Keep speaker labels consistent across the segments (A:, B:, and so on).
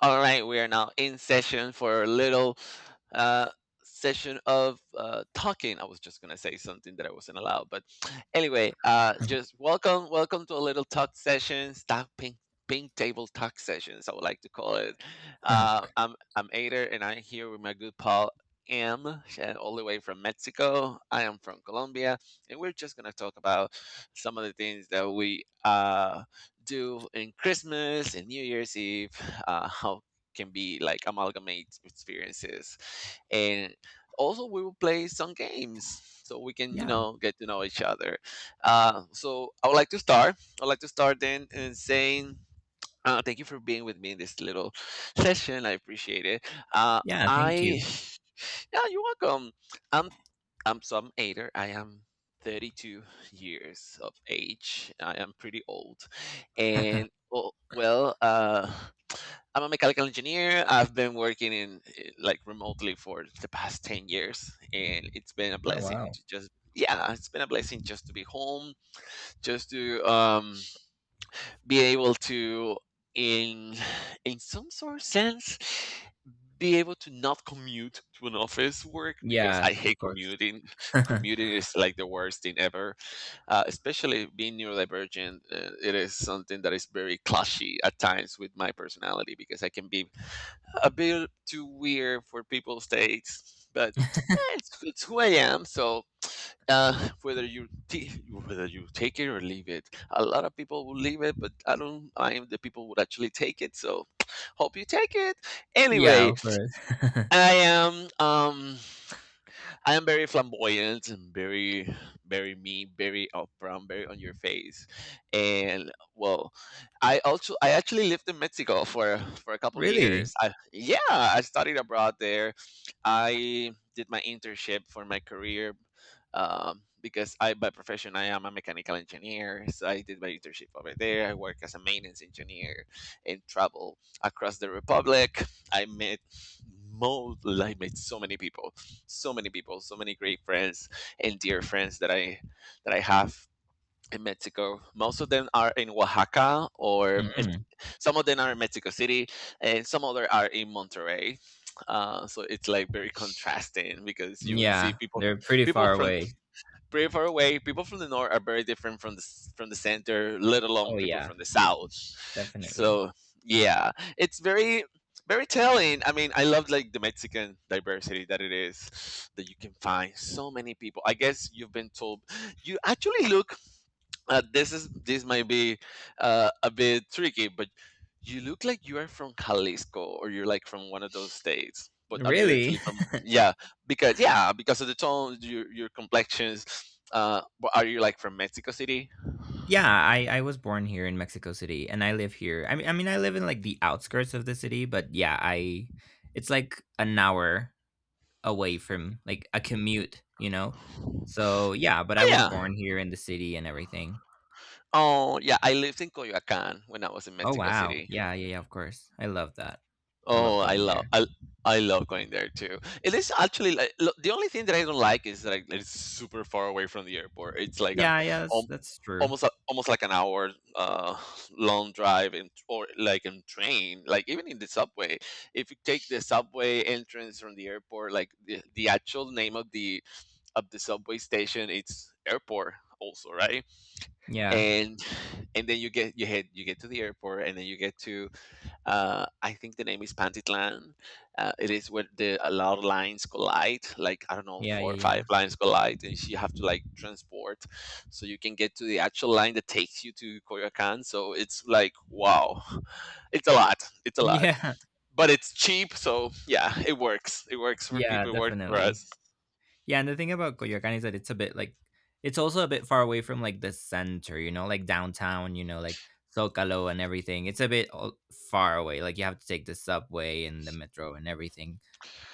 A: All right, we are now in session for a little uh, session of talking. I was just gonna say something that I wasn't allowed, but anyway, just welcome, welcome to a little talk session, staff pink table talk sessions. I would like to call it.
B: Uh-huh.
A: I'm Ader, and I'm here with my good pal M, all the way from Mexico. I am from Colombia, and we're just gonna talk about some of the things that we. Do in Christmas and New Year's Eve, how can be like amalgamate experiences. And also we will play some games so we can, you
B: Yeah.
A: know, get to know each other. So I would like to start. I'd like to start then and saying thank you for being with me in this little session. I appreciate it.
B: Yeah. Thank
A: I
B: you.
A: Yeah, you're welcome. I'm I'm some eighter. I am 32 years of age. I am pretty old.
B: Uh-huh.
A: And oh, well, I'm a mechanical engineer. I've been working in like remotely for the past 10 years, and it's been a
B: Oh,
A: blessing
B: wow.
A: to just, yeah, it's been a blessing just to be home, just to be able to in in some sort of sense be able to not commute to an office work because
B: Yeah.
A: I hate
B: Of course.
A: commuting. Commuting is like the worst thing ever. Especially being neurodivergent, it is something that is very clashy at times with my personality because I can be a bit too weird for people's tastes, but it's who I am. So uh, whether you t- whether you take it or leave it, a lot of people will leave it, but I don't. I am the people who would actually take it. So hope you take it.
B: Yeah.
A: Anyway,
B: Of course.
A: I am um I am very flamboyant and very very me, very upfront, very on your face. And well, I actually lived in Mexico for a couple
B: Really?
A: years. Yeah, I studied abroad there. I did my internship for my career, because I, by profession, I am a mechanical engineer. So I did my internship over there. I work as a maintenance engineer and travel across the republic. I met I met so many people, so many people, so many great friends and dear friends that I have in Mexico. Most of them are in Oaxaca,
B: Mm.
A: some of them are in Mexico City, and some other are in Monterrey. So it's like very contrasting because you would see
B: Yeah.
A: people
B: They're pretty
A: people
B: far
A: from
B: away.
A: pretty far away. People from the north are very different from from the center, let alone
B: Oh,
A: people
B: yeah.
A: from the south.
B: Definitely.
A: So yeah, it's very very telling. I mean, I love like the Mexican diversity that it is that you can find so many people. I guess you've been told you actually look, this might be a bit tricky, but you look like you are from Jalisco or you're like from one of those states. But are you
B: Really?
A: actually from? Yeah, yeah, because of the tone, your complexions. But are you like from Mexico City?
B: Yeah. I was born here in Mexico City and I live here. I mean, I live in like the outskirts of the city, but yeah, it's like an hour away from like a commute, you know?
A: Oh
B: So yeah, but I was
A: yeah.
B: born here in the city and everything.
A: Oh yeah. I lived in Coyoacan when I was in
B: Oh
A: Mexico
B: wow.
A: City.
B: Yeah, yeah, yeah, of course. I love that. I love
A: Oh, I
B: going
A: love
B: there.
A: I, I love going there too. It is actually like the only thing that I don't like is like, that it's super far away from the airport. It's like an,
B: Yeah, yeah,
A: um,
B: that's true.
A: almost a, almost like an hour, uh, long drive in, or like in train, like even in the subway. If you take the subway entrance from the airport, like the actual name of the subway station, it's airport also, right?
B: Yeah.
A: And and then you get to the airport and then you get to, I think the name is Pantitlan. It is where the a lot of lines collide, like I don't know,
B: Yeah,
A: four
B: yeah,
A: or
B: yeah.
A: five lines collide, and you have to like transport so you can get to the actual line that takes you to Koyokan. So it's like wow, it's a lot. It's a lot,
B: Yeah.
A: but it's cheap. So yeah, it works. It works for
B: Yeah,
A: people. It works for
B: definitely.
A: us.
B: Yeah, and the thing about Coyoacan is that it's also a bit far away from like the center, you know, like downtown, you know, like Zocalo and everything. It's a bit far away. Like you have to take the subway and the metro and everything.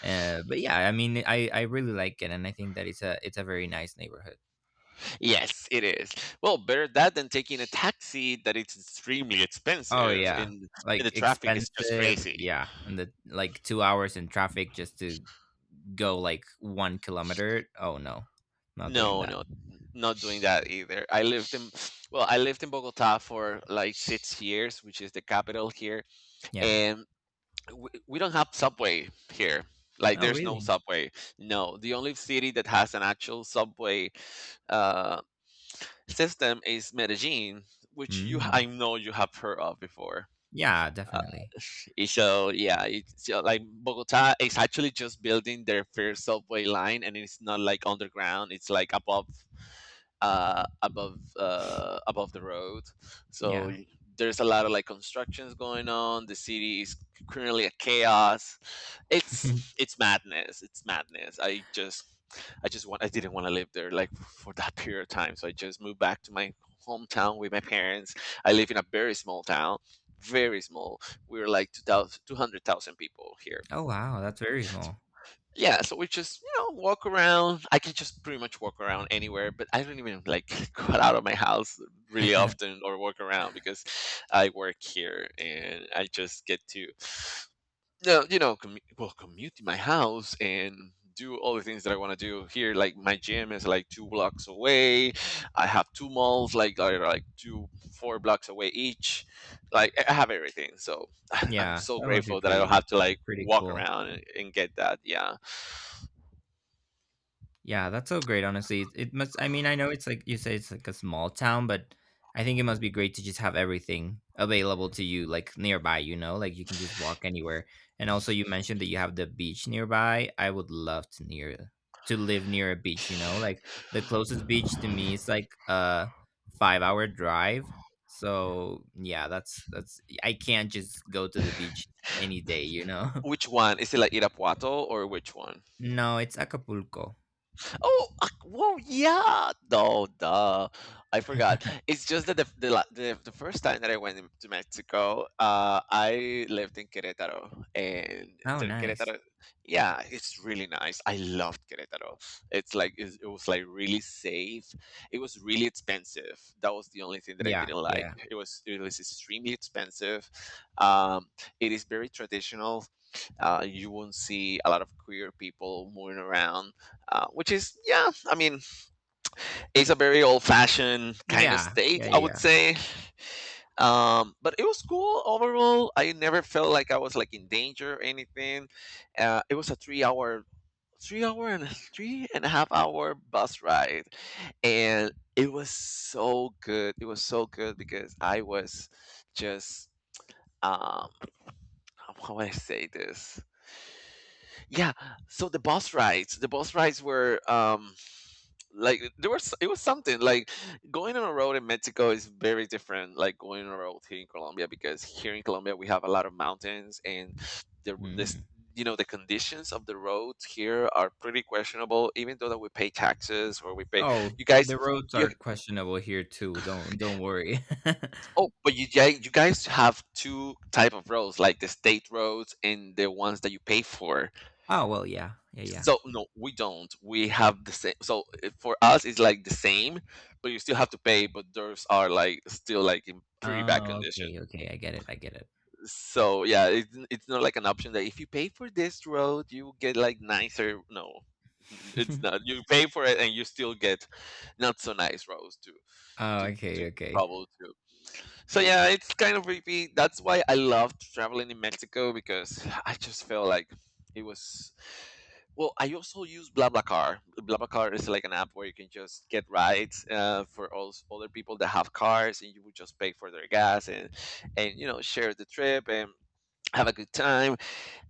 B: But yeah, I mean, I really like it, and I think that it's a very nice neighborhood.
A: Yes, it is. Well, better that than taking a taxi that it's extremely
B: Oh
A: expensive,
B: yeah,
A: and the
B: like
A: traffic is just
B: expensive.
A: crazy.
B: Yeah, and the like 2 hours in traffic just to go like 1 kilometer. Oh no, not doing
A: No,
B: that.
A: no, not doing that either. Well, I lived in Bogota for like six years, which is the capital here,
B: Yeah.
A: and we don't have subway here. Like,
B: Oh
A: there's no
B: really?
A: subway. No, the only city that has an actual subway uh, system is Medellin, which you I
B: Mm.
A: know you have heard of before.
B: Yeah,
A: Uh,
B: definitely.
A: so yeah, it's, like Bogota is actually just building their first subway line, and it's not like underground; it's like above, above the road. So
B: Yeah.
A: y- there's a lot of like constructions going on. The city is currently a chaos. It's madness. It's madness. I didn't want to live there like for that period of time. So I just moved back to my hometown with my parents. I live in a very small town, very small, we were like 200,000 people here.
B: Oh wow, that's very
A: So
B: small.
A: yeah, so we just, you know, walk around. I can just pretty much walk around anywhere, but I don't even like go out of my house really often or walk around because I work here and I just get to, no, you know, commu- well, commute to my house and do all the things that I want to do here. Like my gym is like two blocks away. I have two malls like that are like two four blocks away each. Like I have everything, so I'm
B: Yeah,
A: so
B: that must be
A: grateful that I don't
B: pretty,
A: have to like
B: pretty
A: walk
B: cool.
A: around and get that. Yeah.
B: Yeah, that's so great, honestly. It must, I mean, I know it's like you say it's like a small town, but I think it must be great to just have everything available to you, like nearby, you know, like you can just walk anywhere. And also, you mentioned that you have the beach nearby. I would love to live near a beach, you know, like the closest beach to me is like a 5-hour drive. So yeah, that's I can't just go to the beach any day, you know.
A: Which one is it? Like Irapuato or which one?
B: No, it's Acapulco.
A: Oh, well, yeah. No, duh. I forgot. It's just that the first time that to Mexico, I lived in Querétaro. And
B: Oh,
A: the
B: nice.
A: Querétaro, yeah, it's really nice. I loved Querétaro. It was like really safe. It was really expensive. That was the only thing that I
B: Yeah,
A: didn't like.
B: yeah.
A: It was extremely expensive. Um, it is very traditional. You won't see a lot of queer people moving around, which is, yeah, I mean, it's a very old fashioned kind of
B: Yeah,
A: state,
B: yeah,
A: I would
B: yeah.
A: say. But it was cool overall. I never felt like I was like in danger or anything. It was a three hour 3 hour and three and a half hour bus ride, and it was so good. It was so good because I was just, um how would I say this yeah, so the bus rides were, like there was it was something like, going on a road in Mexico is very different like going on a road here in Colombia, because here in Colombia we have a lot of mountains and the this
B: Mm.
A: you know the conditions of the roads here are pretty questionable, even though that we pay taxes or we pay,
B: Oh,
A: you guys
B: the roads
A: you
B: are questionable here too. Don't worry.
A: oh but you yeah, you guys have two type of roads, like the state roads and the ones that you pay for.
B: Oh well, yeah, yeah, yeah.
A: So no, we don't. We have the same. So for us, it's like the same, but you still have to pay. But theirs are like still like in pretty bad
B: Oh,
A: condition.
B: okay, okay. I get it. I get it.
A: So yeah, it's not like an option that if you pay for this road, you get like nicer. No, it's not. You pay for it, and you still get not so nice roads
B: Oh,
A: to to
B: okay, okay.
A: travel to. So yeah, it's kind of creepy. That's why I loved traveling in Mexico because I just felt like it was. Well, I also use BlaBlaCar. BlaBlaCar is like an app where you can just get rides, other people that have cars, and you would just pay for their gas and, you know, share the trip and have a good time.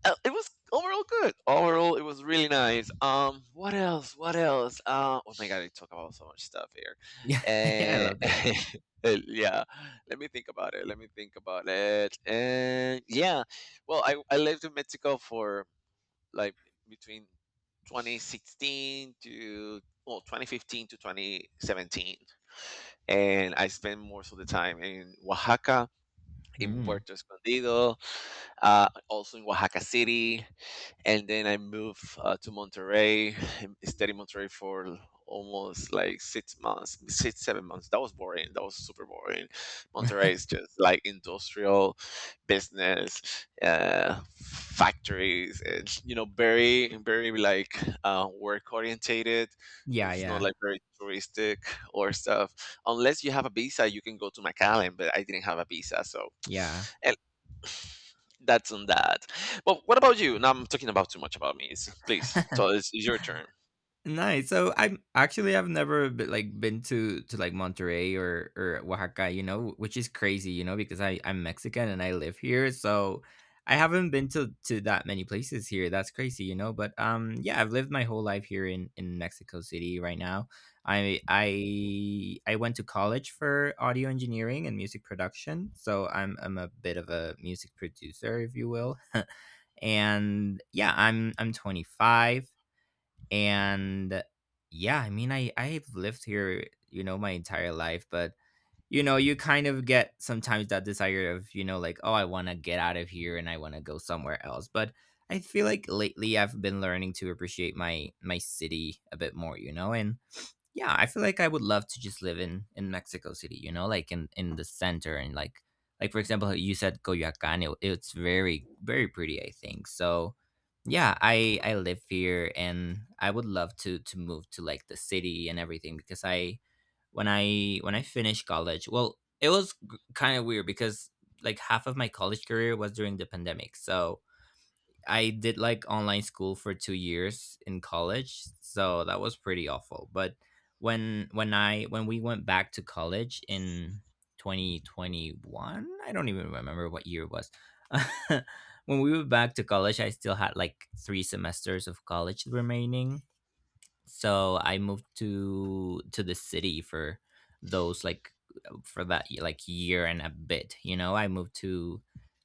A: It was overall good. Overall, it was really nice. What else? What else? Oh my god, I talk about so much stuff here.
B: Yeah, yeah. I
A: Eh,
B: loved it.
A: yeah, let me think about it. Let me think about it. And yeah, well, I lived in Mexico for like between 2016 to, well, 2015 to 2017, and I spent most of the time in Oaxaca, in
B: Mm.
A: Puerto Escondido, also in Oaxaca City, and then I moved, to Monterrey. Stayed in Monterrey for almost like 6 months, 6 7 months. That was boring. That was super boring. Monterrey is just like industrial business, factories. It's very like work orientated.
B: Yeah,
A: It's not
B: yeah,
A: like very touristic or stuff. Unless you have a visa, you can go to McAllen, but I didn't have a visa, so
B: yeah.
A: and that's on that. Well, what about you? Now I'm talking about too much about me. Please, so it's your turn.
B: Nice. So I've never been, like been to like Monterrey or Oaxaca, you know, which is crazy, you know, because I'm Mexican and I live here, so I haven't been to that many places here. That's crazy, you know. But yeah, I've lived my whole life here in Mexico City. Right now, I went to college for audio engineering and music production, so I'm a bit of a music producer, if you will. And yeah, I'm 25. And yeah, I mean, I've lived here, you know, my entire life, but you know, you kind of get sometimes that desire of, you know, like, oh, I want to get out of here and I want to go somewhere else, but I feel like lately I've been learning to appreciate my city a bit more, you know. And yeah, I feel like I would love to just live in Mexico City, you know, like in the center, and like for example, you said Coyoacan, it's very very pretty, I think. So, yeah, I live here and I would love to move to like the city and everything, because I when I when I finished college, well, it was kind of weird because like half of my college career was during the pandemic. So, I did like online school for 2 years in college, so that was pretty awful. But when we went back to college in 2021, I don't even remember what year it was. When we went back to college, I still had like 3 semesters of college remaining, so I moved to the city for those, like, for that like year and a bit, you know. I moved to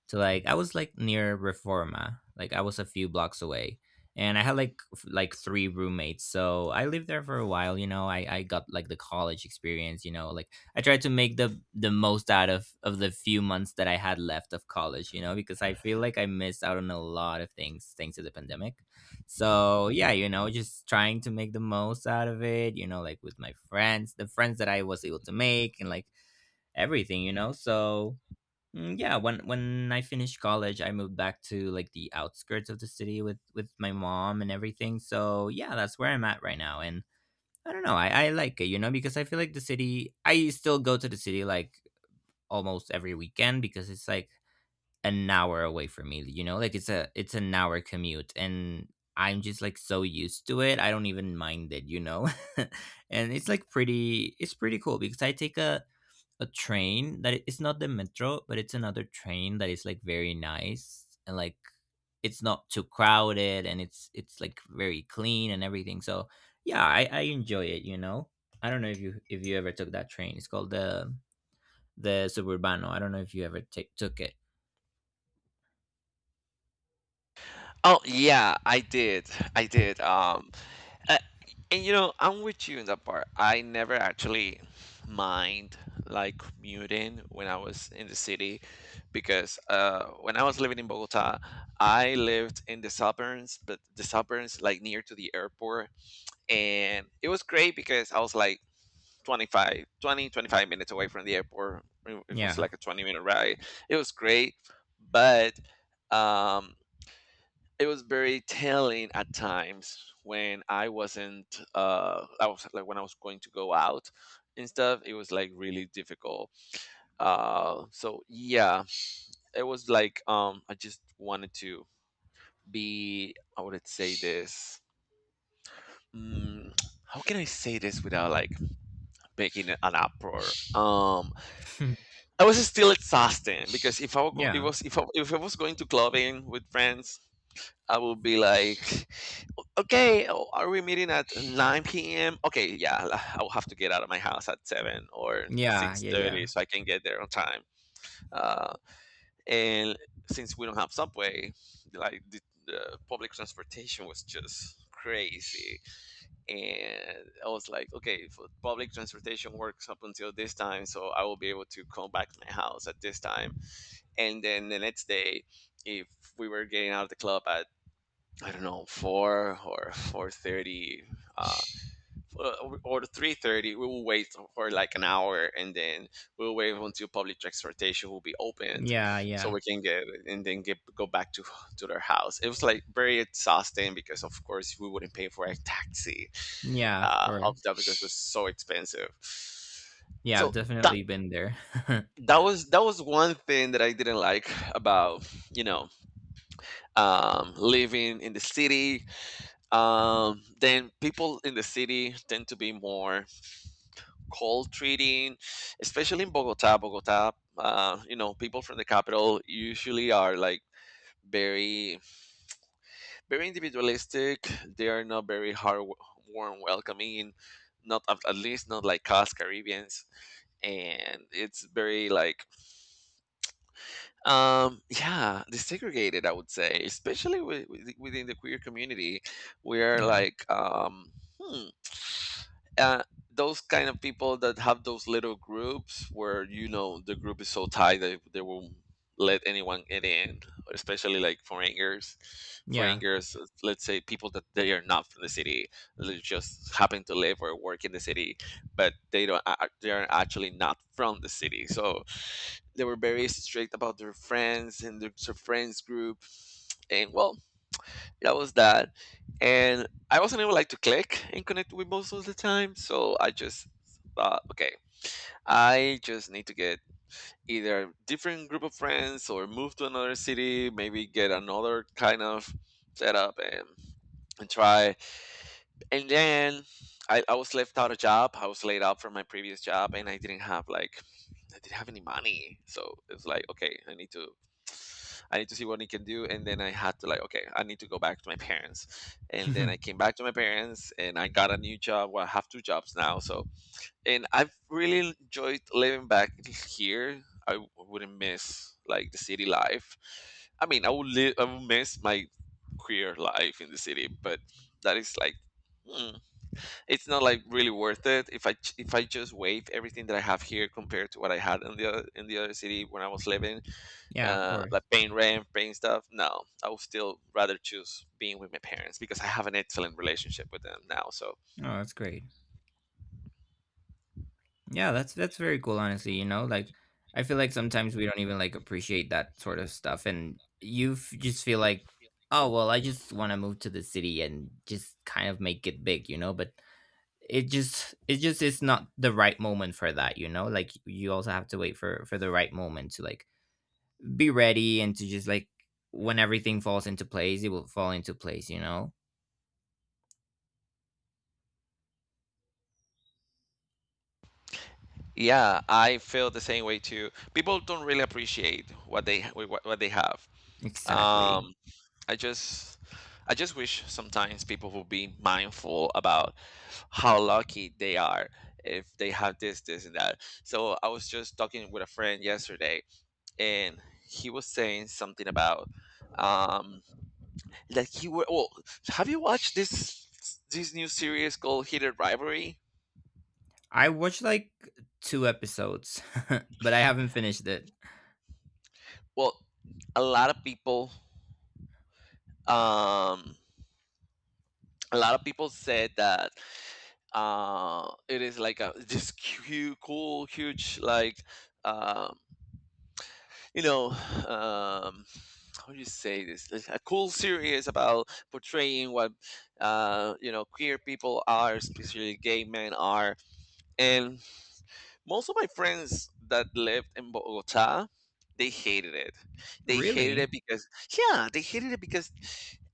B: to like, I was like near Reforma, like I was a few blocks away, and I had like like three roommates, so I lived there for a while, you know. I got like the college experience, you know, like, I tried to make the most out of the few months that I had left of college, you know, because I feel like I missed out on a lot of things thanks to the pandemic. So yeah, you know, just trying to make the most out of it, you know, like with my friends, the friends that I was able to make and like everything, you know. So yeah, when I finished college, I moved back to like the outskirts of the city with my mom and everything. So yeah, that's where I'm at right now. And I don't know, I like it, you know, because I feel like the city, I still go to the city like almost every weekend because it's like an hour away from me, you know? Like it's an hour commute, and I'm just like so used to it. I don't even mind it, you know? And it's pretty cool because I take a train that it's not the metro, but it's another train that is like very nice and like, it's not too crowded, and it's like very clean and everything. So yeah, I enjoy it, you know. I don't know if you ever took that train. It's called the Suburbano. I don't know if you ever took it.
A: Oh yeah, I did. I did. Uh, and I'm with you in that part. I never actually mind like commuting when I was in the city because when I was living in Bogota, I lived in the suburbs, but the suburbs like near to the airport, and it was great because I was like 25, 25 minutes away from the airport. It was
B: Yeah.
A: like a 20-minute ride. It was great, but um it was very telling at times when I wasn't I was like when I was going to go out and stuff. It was like really difficult. So yeah, it was like, I just wanted to be. How would it say this? mm, how can I say this without like making an uproar? Um, I was still exhausted because if I would go, it
B: Yeah.
A: was if if I was going to clubbing with friends, I would be like, okay, oh, are we meeting at 9 p.m.? Okay, yeah, I will have to get out of my house at seven or
B: Yeah,
A: six
B: yeah,
A: thirty
B: yeah.
A: so I can get there on time. Uh, and since we don't have subway, like the, the public transportation was just crazy. And I was like, okay, for public transportation works up until this time, so I will be able to come back to my house at this time. And then the next day, if we were getting out of the club at, I don't know, 4 or 4:30, uh, or 3:30, we will wait for like an hour, and then we'll wait until public transportation will be opened
B: Yeah,
A: so
B: yeah.
A: we can get and then get go back to their house. It was like very exhausting because of course we wouldn't pay for a taxi
B: Yeah, of
A: up
B: course.
A: there because it was so expensive.
B: Yeah, I've
A: So that
B: definitely been there.
A: that was that was one thing that I didn't like about, you know living in the city. Then people in the city tend to be more cold treating, especially in Bogota. Bogota, you know, people from the capital usually are like very, very individualistic. They are not very hard, warm, welcoming. Not at at least not like us Caribbeans, and it's very like yeah, desegregated, I would say, especially within the queer community, where
B: Yeah.
A: hmm, uh, those kind of people that have those little groups where, you know, the group is so tight that they won't let anyone get in, especially like foreigners.
B: Yeah.
A: Let's say people that they are not from the city, they just happen to live or work in the city, but they don't, they are actually not from the city, so they were very strict about their friends and their friends group. And well, that was that. And I wasn't able like to click and connect with most of the time, so I just thought, okay, I just need to get either a different group of friends or move to another city, maybe get another kind of setup, and try. And then I was left out of job. I was laid off from my previous job, and I didn't have like I didn't have any money. So it's like, okay, I need to see what I can do. And then I had to like, okay, I need to go back to my parents. And then I came back to my parents, and I got a new job. Well, I have two jobs now. So and I've really enjoyed living back here. I wouldn't miss like the city life. I mean, I would live. I would miss my queer life in the city, but that is like. mm, it's not like really worth it if I if I just waive everything that I have here compared to what I had in the other city when I was living,
B: Yeah, of course.
A: like paying rent, paying stuff. No, I would still rather choose being with my parents because I have an excellent relationship with them now. So
B: Oh, that's great. Yeah, that's very cool, honestly, you know? Like I feel like sometimes we don't even like appreciate that sort of stuff, and you just feel like, "Oh, well, I just want to move to the city and just kind of make it big," you know? But it just is not the right moment for that, you know? Like you also have to wait for the right moment to like be ready and to just like, when everything falls into place, it will fall into place, you know?
A: yeah, I feel the same way too. People don't really appreciate what they what they have.
B: Exactly.
A: Um, I just I just wish sometimes people would be mindful about how lucky they are if they have this, and that. So I was just talking with a friend yesterday, and he was saying something about um that he were well. Have you watched this new series called Heated Rivalry?
B: I watched like two episodes, but I haven't finished it.
A: Well, a lot of people um a lot of people said that it is like a this huge, like um, you know, um, how do you say this? It's a cool series about portraying what you know, queer people are, especially gay men are. And most of my friends that lived in Bogota, they hated it. They hated
B: Really?
A: it because yeah, they hated it because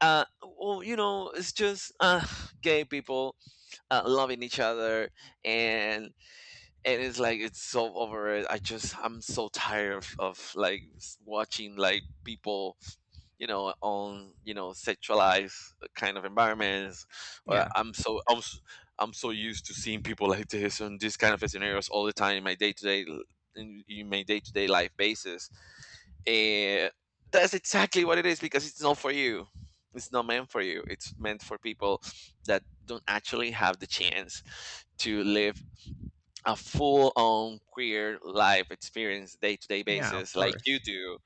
A: uh, well, you know, it's just gay people loving each other. and and it's like it's so over it. I just I'm so tired of like watching like people, you know, on, you know, sexualized kind of environments, or
B: Yeah.
A: I'm so used to seeing people like this on these kind of scenarios all the time in my day-to-day, in my day-to-day life basis. Eh, that's exactly what it is because it's not for you. It's not meant for you. It's meant for people that don't actually have the chance to live a full-on queer life experience day-to-day
B: Yeah, of
A: basis like you
B: course.
A: do.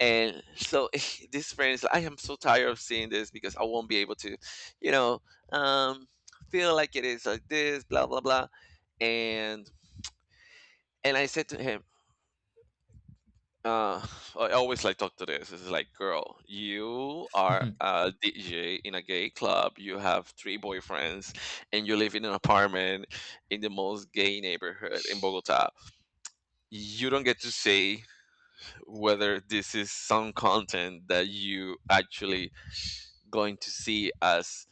A: And so this friend is like, I am so tired of seeing this because I won't be able to, you know, um, feel like it is like this, blah blah blah. And and I said to him, uh, I always like talk to this. It's like, girl, you are a DJ in a gay club. You have three boyfriends, and you live in an apartment in the most gay neighborhood in Bogota. You don't get to say whether this is some content that you actually going to see as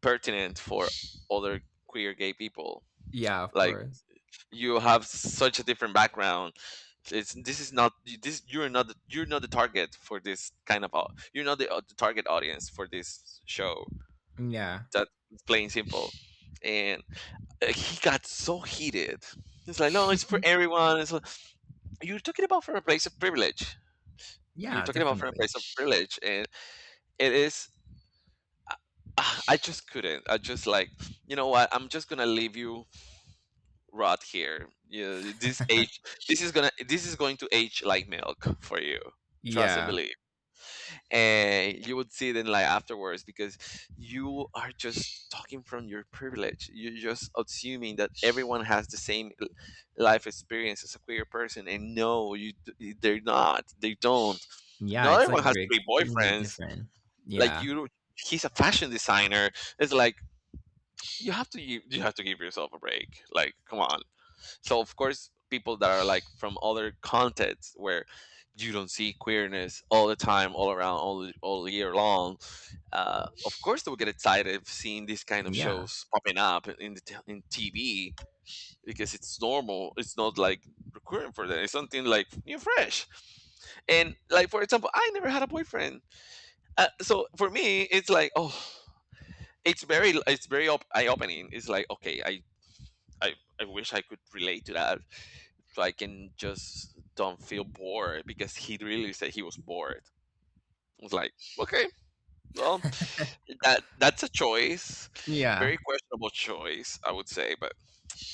A: pertinent for other queer gay people.
B: Yeah, of
A: Like
B: course.
A: you have such a different background. It's this is not this you're not you're not the target for this kind of you're not the, the target audience for this show.
B: Yeah.
A: That's plain simple. And he got so heated. It's like no, it's for everyone. It's like, you're talking about from a place of privilege. You're
B: Yeah,
A: talking about from a
B: definitely.
A: place of privilege, and it is Ah, I just couldn't. I just like, you know what? I'm just gonna leave you rot here. You, this age, this is gonna, this is going to age like milk for you. Trust and
B: Yeah.
A: believe. And you would see it in like afterwards because you are just talking from your privilege. You're just assuming that everyone has the same life experience as a queer person, and no, you they're not. They don't.
B: Yeah,
A: Not
B: it's like
A: everyone has
B: very
A: three
B: extremely
A: boyfriends.
B: different.
A: Like
B: Yeah.
A: you, he's a fashion designer. It's like you have to give, you have to give yourself a break, like come on. So of course people that are like from other contexts where you don't see queerness all the time all around all year long, of course they'll get excited of seeing these kind of
B: Yeah.
A: shows popping up in the in TV because it's normal. It's not like recurring for them. It's something like new, fresh. And like for example I never had a boyfriend, so for me it's like oh, it's very eye opening. It's like okay, I, I wish I could relate to that so I can just don't feel bored because he really said he was bored. I was like, okay, well, that's a choice,
B: Yeah.
A: very questionable choice, I would say. But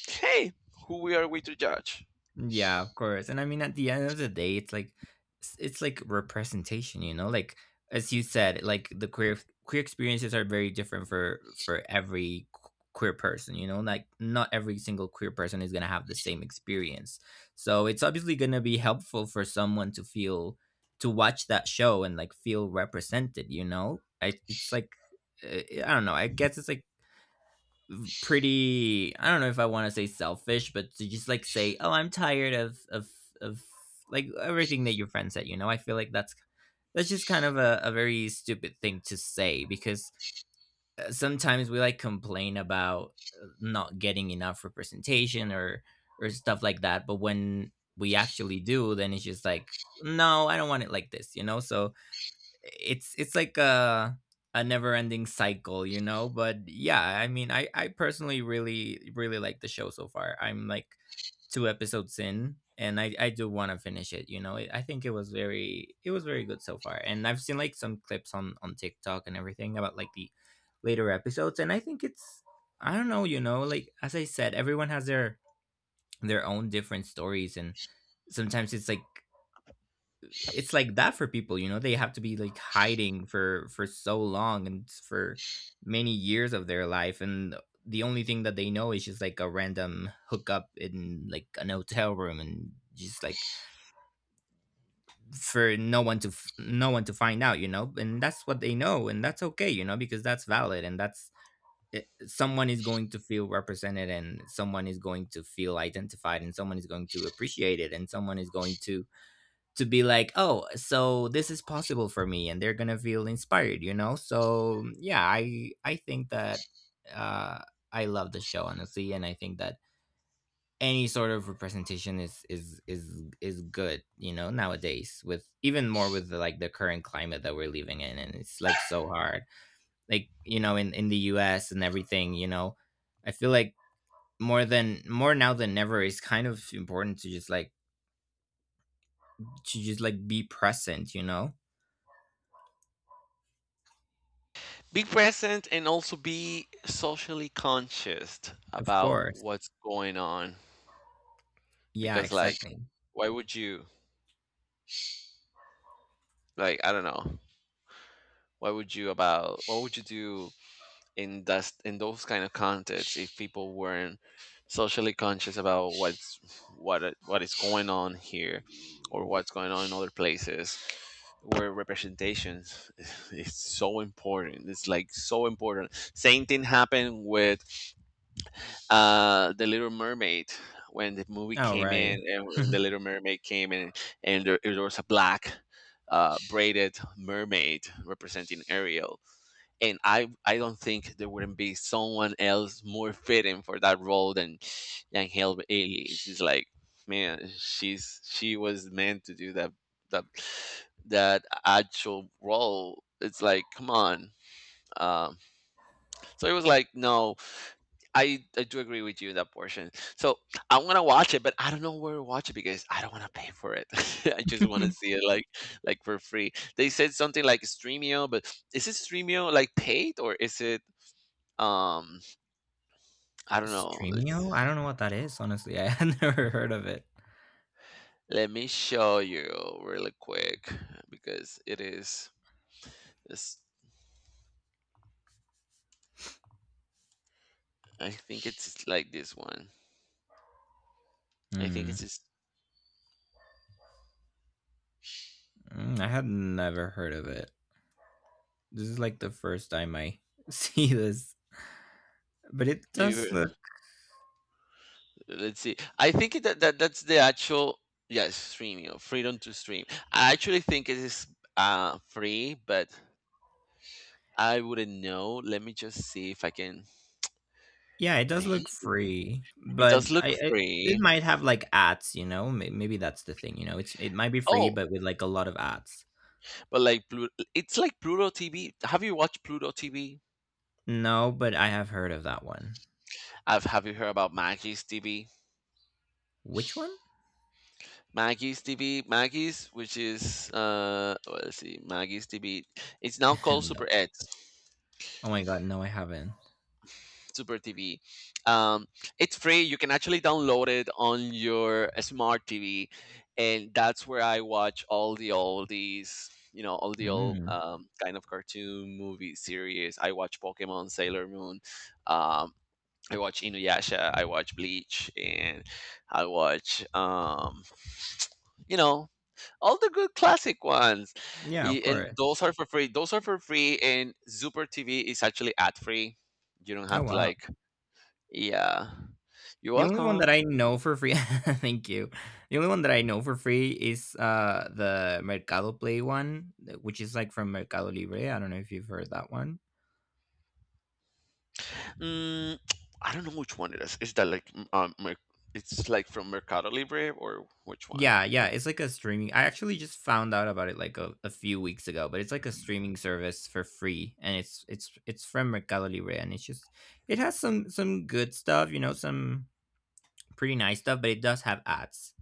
A: hey, who we are we to judge?
B: Yeah, of course. And I mean, at the end of the day, it's like representation, you know. Like as you said, like the queer experiences are very different for every queer person, you know. Like not every single queer person is gonna have the same experience. So it's obviously gonna be helpful for someone to watch that show and like feel represented, you know. I It's like, I don't know. I guess it's like pretty I don't know if I want to say selfish, but to just like say, "Oh, I'm tired of like everything that your friend said," you know? I feel like that's just kind of a very stupid thing to say, because sometimes we like complain about not getting enough representation or stuff like that, but when we actually do, then it's just like, "No, I don't want it like this," you know? So it's like a never ending cycle, you know? But yeah, I mean, I personally really really like the show so far. I'm like two episodes in, and I do want to finish it, you know? I think it was very good so far. And I've seen like some clips on TikTok and everything about like the later episodes, and I think it's I don't know, you know, like as I said, everyone has their own different stories, and sometimes it's like that for people, you know. They have to be like hiding for so long and for many years of their life, and the only thing that they know is just like a random hookup in like an hotel room, and just like for no one to find out, you know. And that's what they know, and that's okay, you know, because that's valid, and that's it. Someone is going to feel represented, and someone is going to feel identified, and someone is going to appreciate it, and someone is going to be like, oh, so this is possible for me, and they're gonna feel inspired, you know. So yeah, I think that, uh, I love the show, honestly. And I think that any sort of representation is good, you know, nowadays, with even more with like the current climate that we're living in, and it's like so hard, like, you know, in the U.S. and everything, you know. I feel like more now than ever, it's kind of important to just like be present, you know.
A: Be present and also be socially conscious
B: Of
A: about
B: course.
A: what's going on
B: Yeah,
A: because, like,
B: exactly.
A: why would you? Like, I don't know. Why would you about? What would you do in that in those kind of contexts if people weren't socially conscious about what is going on here or what's going on in other places where representations is so important? It's like so important. Same thing happened with the Little Mermaid. When the movie
B: Oh,
A: came in
B: right.
A: and when the Little Mermaid came in, and there was a black braided mermaid representing Ariel, and I don't think there wouldn't be someone else more fitting for that role than Hale Bailey. She's like, man, she was meant to do that that actual role. It's like, come on. Um, so it was like, no, I do agree with you in that portion. So I want to watch it, but I don't know where to watch it because I don't want to pay for it. I just want to
B: Mhm.
A: see it like for free. They said something like Streamio, but is it Streamio like paid or is it um, I don't know.
B: Streamio? I don't know what that is, honestly. I had never heard of it.
A: Let me show you really quick, because it is. It's, I think it's like this one. I think
B: Hmm.
A: it's. It's
B: Mm, I had never heard of it. This is like the first time I see this, but it does
A: eh,
B: look,
A: Let's see. I think that that's the actual, yes, streaming or freedom to stream. I actually think it is free, but I wouldn't know. Let me just see if I can.
B: yeah, it does
A: Maybe
B: look free,
A: it
B: but
A: does look
B: I it
A: free.
B: might have like ads, you know? Maybe that's the thing, you know? It might be free,
A: Oh,
B: but with like a lot of ads.
A: but like Pluto, it's like Pluto TV. Have you watched Pluto TV?
B: No, but I have heard of that one.
A: I've Have you heard about Maggie's DB?
B: Which one?
A: Maggie's DB, Maggie's, which is let's see, Maggie's DB. It's now called
B: No.
A: Super Ed,
B: Oh my god, no, I haven't.
A: Super TV. Um, it's free. You can actually download it on your smart TV, and that's where I watch all these, you know, all the old
B: Mm.
A: kind of cartoon movie series. I watch Pokemon, Sailor Moon. Um, I watch Inuyasha. I watch Bleach, and I watch you know all the good classic ones.
B: Yeah, of
A: And
B: course.
A: those are for free, those are for free, and Super TV is actually ad free. You don't
B: Oh
A: have to
B: wow.
A: like, yeah, you're
B: The only one that
A: welcome.
B: I know for free. Thank you. The only one that I know for free is the Mercado Play one, which is like from Mercado Libre. I don't know if you've heard that one.
A: mm, I don't know which one it is. Is that like Mer-, it's like from Mercado Libre, or which one?
B: Yeah, yeah, it's like a streaming. I actually just found out about it like a few weeks ago, but it's like a streaming service for free, and it's from Mercado Libre, and it has some good stuff, you know, some pretty nice stuff, but it does have ads.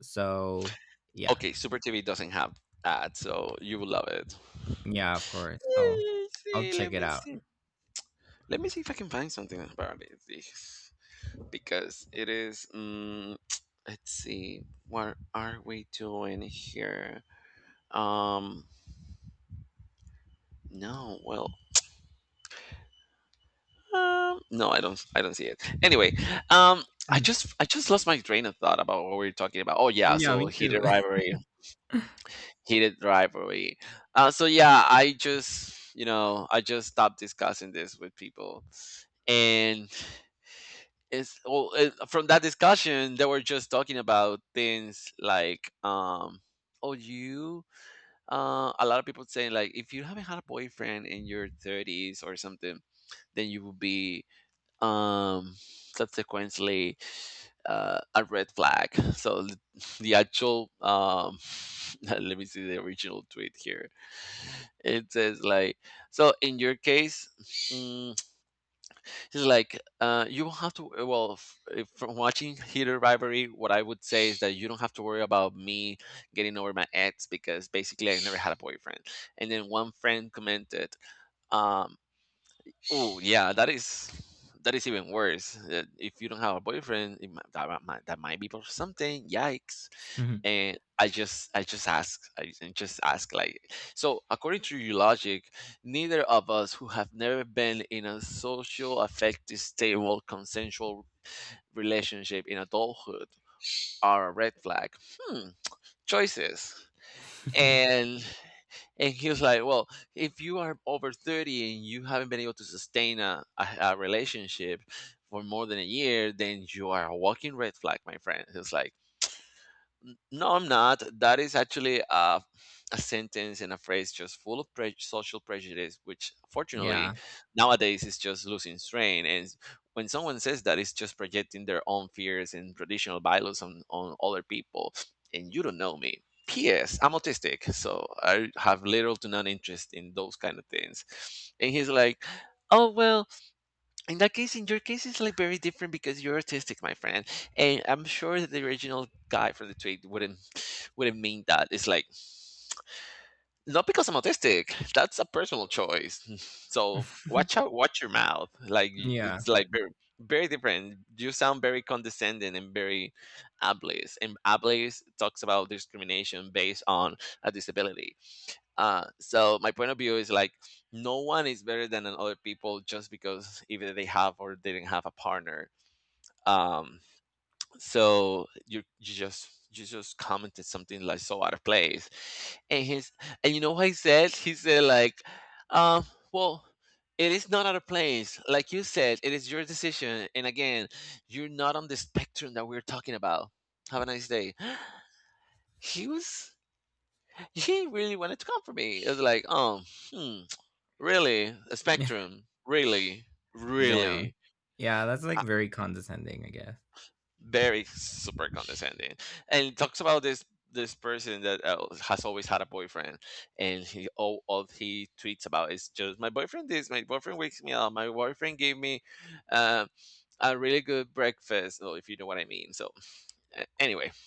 B: So yeah,
A: Okay, Super TV doesn't have ads, so you will love it.
B: yeah, of course, I'll I'll
A: See,
B: check
A: let
B: it
A: me
B: out.
A: see. Let me see if I can find something about it this-, because it is. Let's see, what are we doing here? Um, no, well, no, I, don't, I don't see it. Anyway, um, I just lost my train of thought about what we were talking about. Oh yeah,
B: Yeah,
A: so
B: me
A: heated
B: too.
A: rivalry, heated rivalry. So yeah, I just, you know, I just stopped discussing this with people, and it's well, it, from that discussion, they were just talking about things like, oh, you, a lot of people saying like, if you haven't had a boyfriend in your 30s or something, then you will be, um, subsequently, a red flag. So the actual, let me see the original tweet here. It says like, so in your case, mm, it's like you don't have to. Well, from watching Heated Rivalry, what I would say is that you don't have to worry about me getting over my ex, because basically I never had a boyfriend. And then one friend commented, um, oh yeah, that is even worse. If you don't have a boyfriend, that might be for something. Yikes! And I just ask like, so, according to your logic, neither of us who have never been in a social, affective, stable, consensual relationship in adulthood are a red flag. Hmm. Choices. and and he was like, well, if you are over 30 and you haven't been able to sustain a relationship for more than a year, then you are a walking red flag, my friend. It's like, no, I'm not. That is actually a sentence and a phrase just full of social prejudice, which fortunately
B: Yeah.
A: nowadays is just losing strain. And when someone says that, it's just projecting their own fears and traditional values on other people. And you don't know me. P.S. I'm autistic, so I have little to none interest in those kind of things. And he's like, oh, well, in that case, in your case, it's like very different because you're autistic, my friend, and I'm sure that the original guy from the tweet wouldn't mean that. It's like, not because I'm autistic. That's a personal choice. So watch out, watch your mouth.
B: Yeah.
A: It's like very very different. You sound very condescending and very ableist. And ableist talks about discrimination based on a disability. So my point of view is like, no one is better than other people just because either they have or didn't have a partner. Um, so you just commented something like so out of place, and he's, and you know what he said? He said like, um, well, it is not out of place. Like you said, it is your decision. And again, you're not on the spectrum that we're talking about. Have a nice day. He was, he really wanted to come for me. It was like, hmm. Really? A spectrum? Really?
B: Damn.
A: Really?
B: Yeah, that's,
A: Uh,
B: like, very condescending, I guess.
A: Very super condescending. And it talks about this this person that has always had a boyfriend, and he all he tweets about is just my boyfriend this, my boyfriend wakes me up, my boyfriend gave me uh, a really good breakfast. Well, if you know what I mean. Anyway,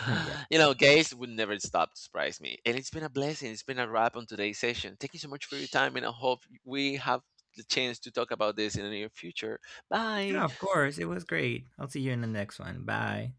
B: Yeah.
A: you know, gays would never stop to surprise me. And it's been a blessing. It's been a wrap on today's session. Thank you so much for your time, and I hope we have the chance to talk about this in the near future. Bye.
B: Yeah, of course, it was great. I'll see you in the next one. Bye.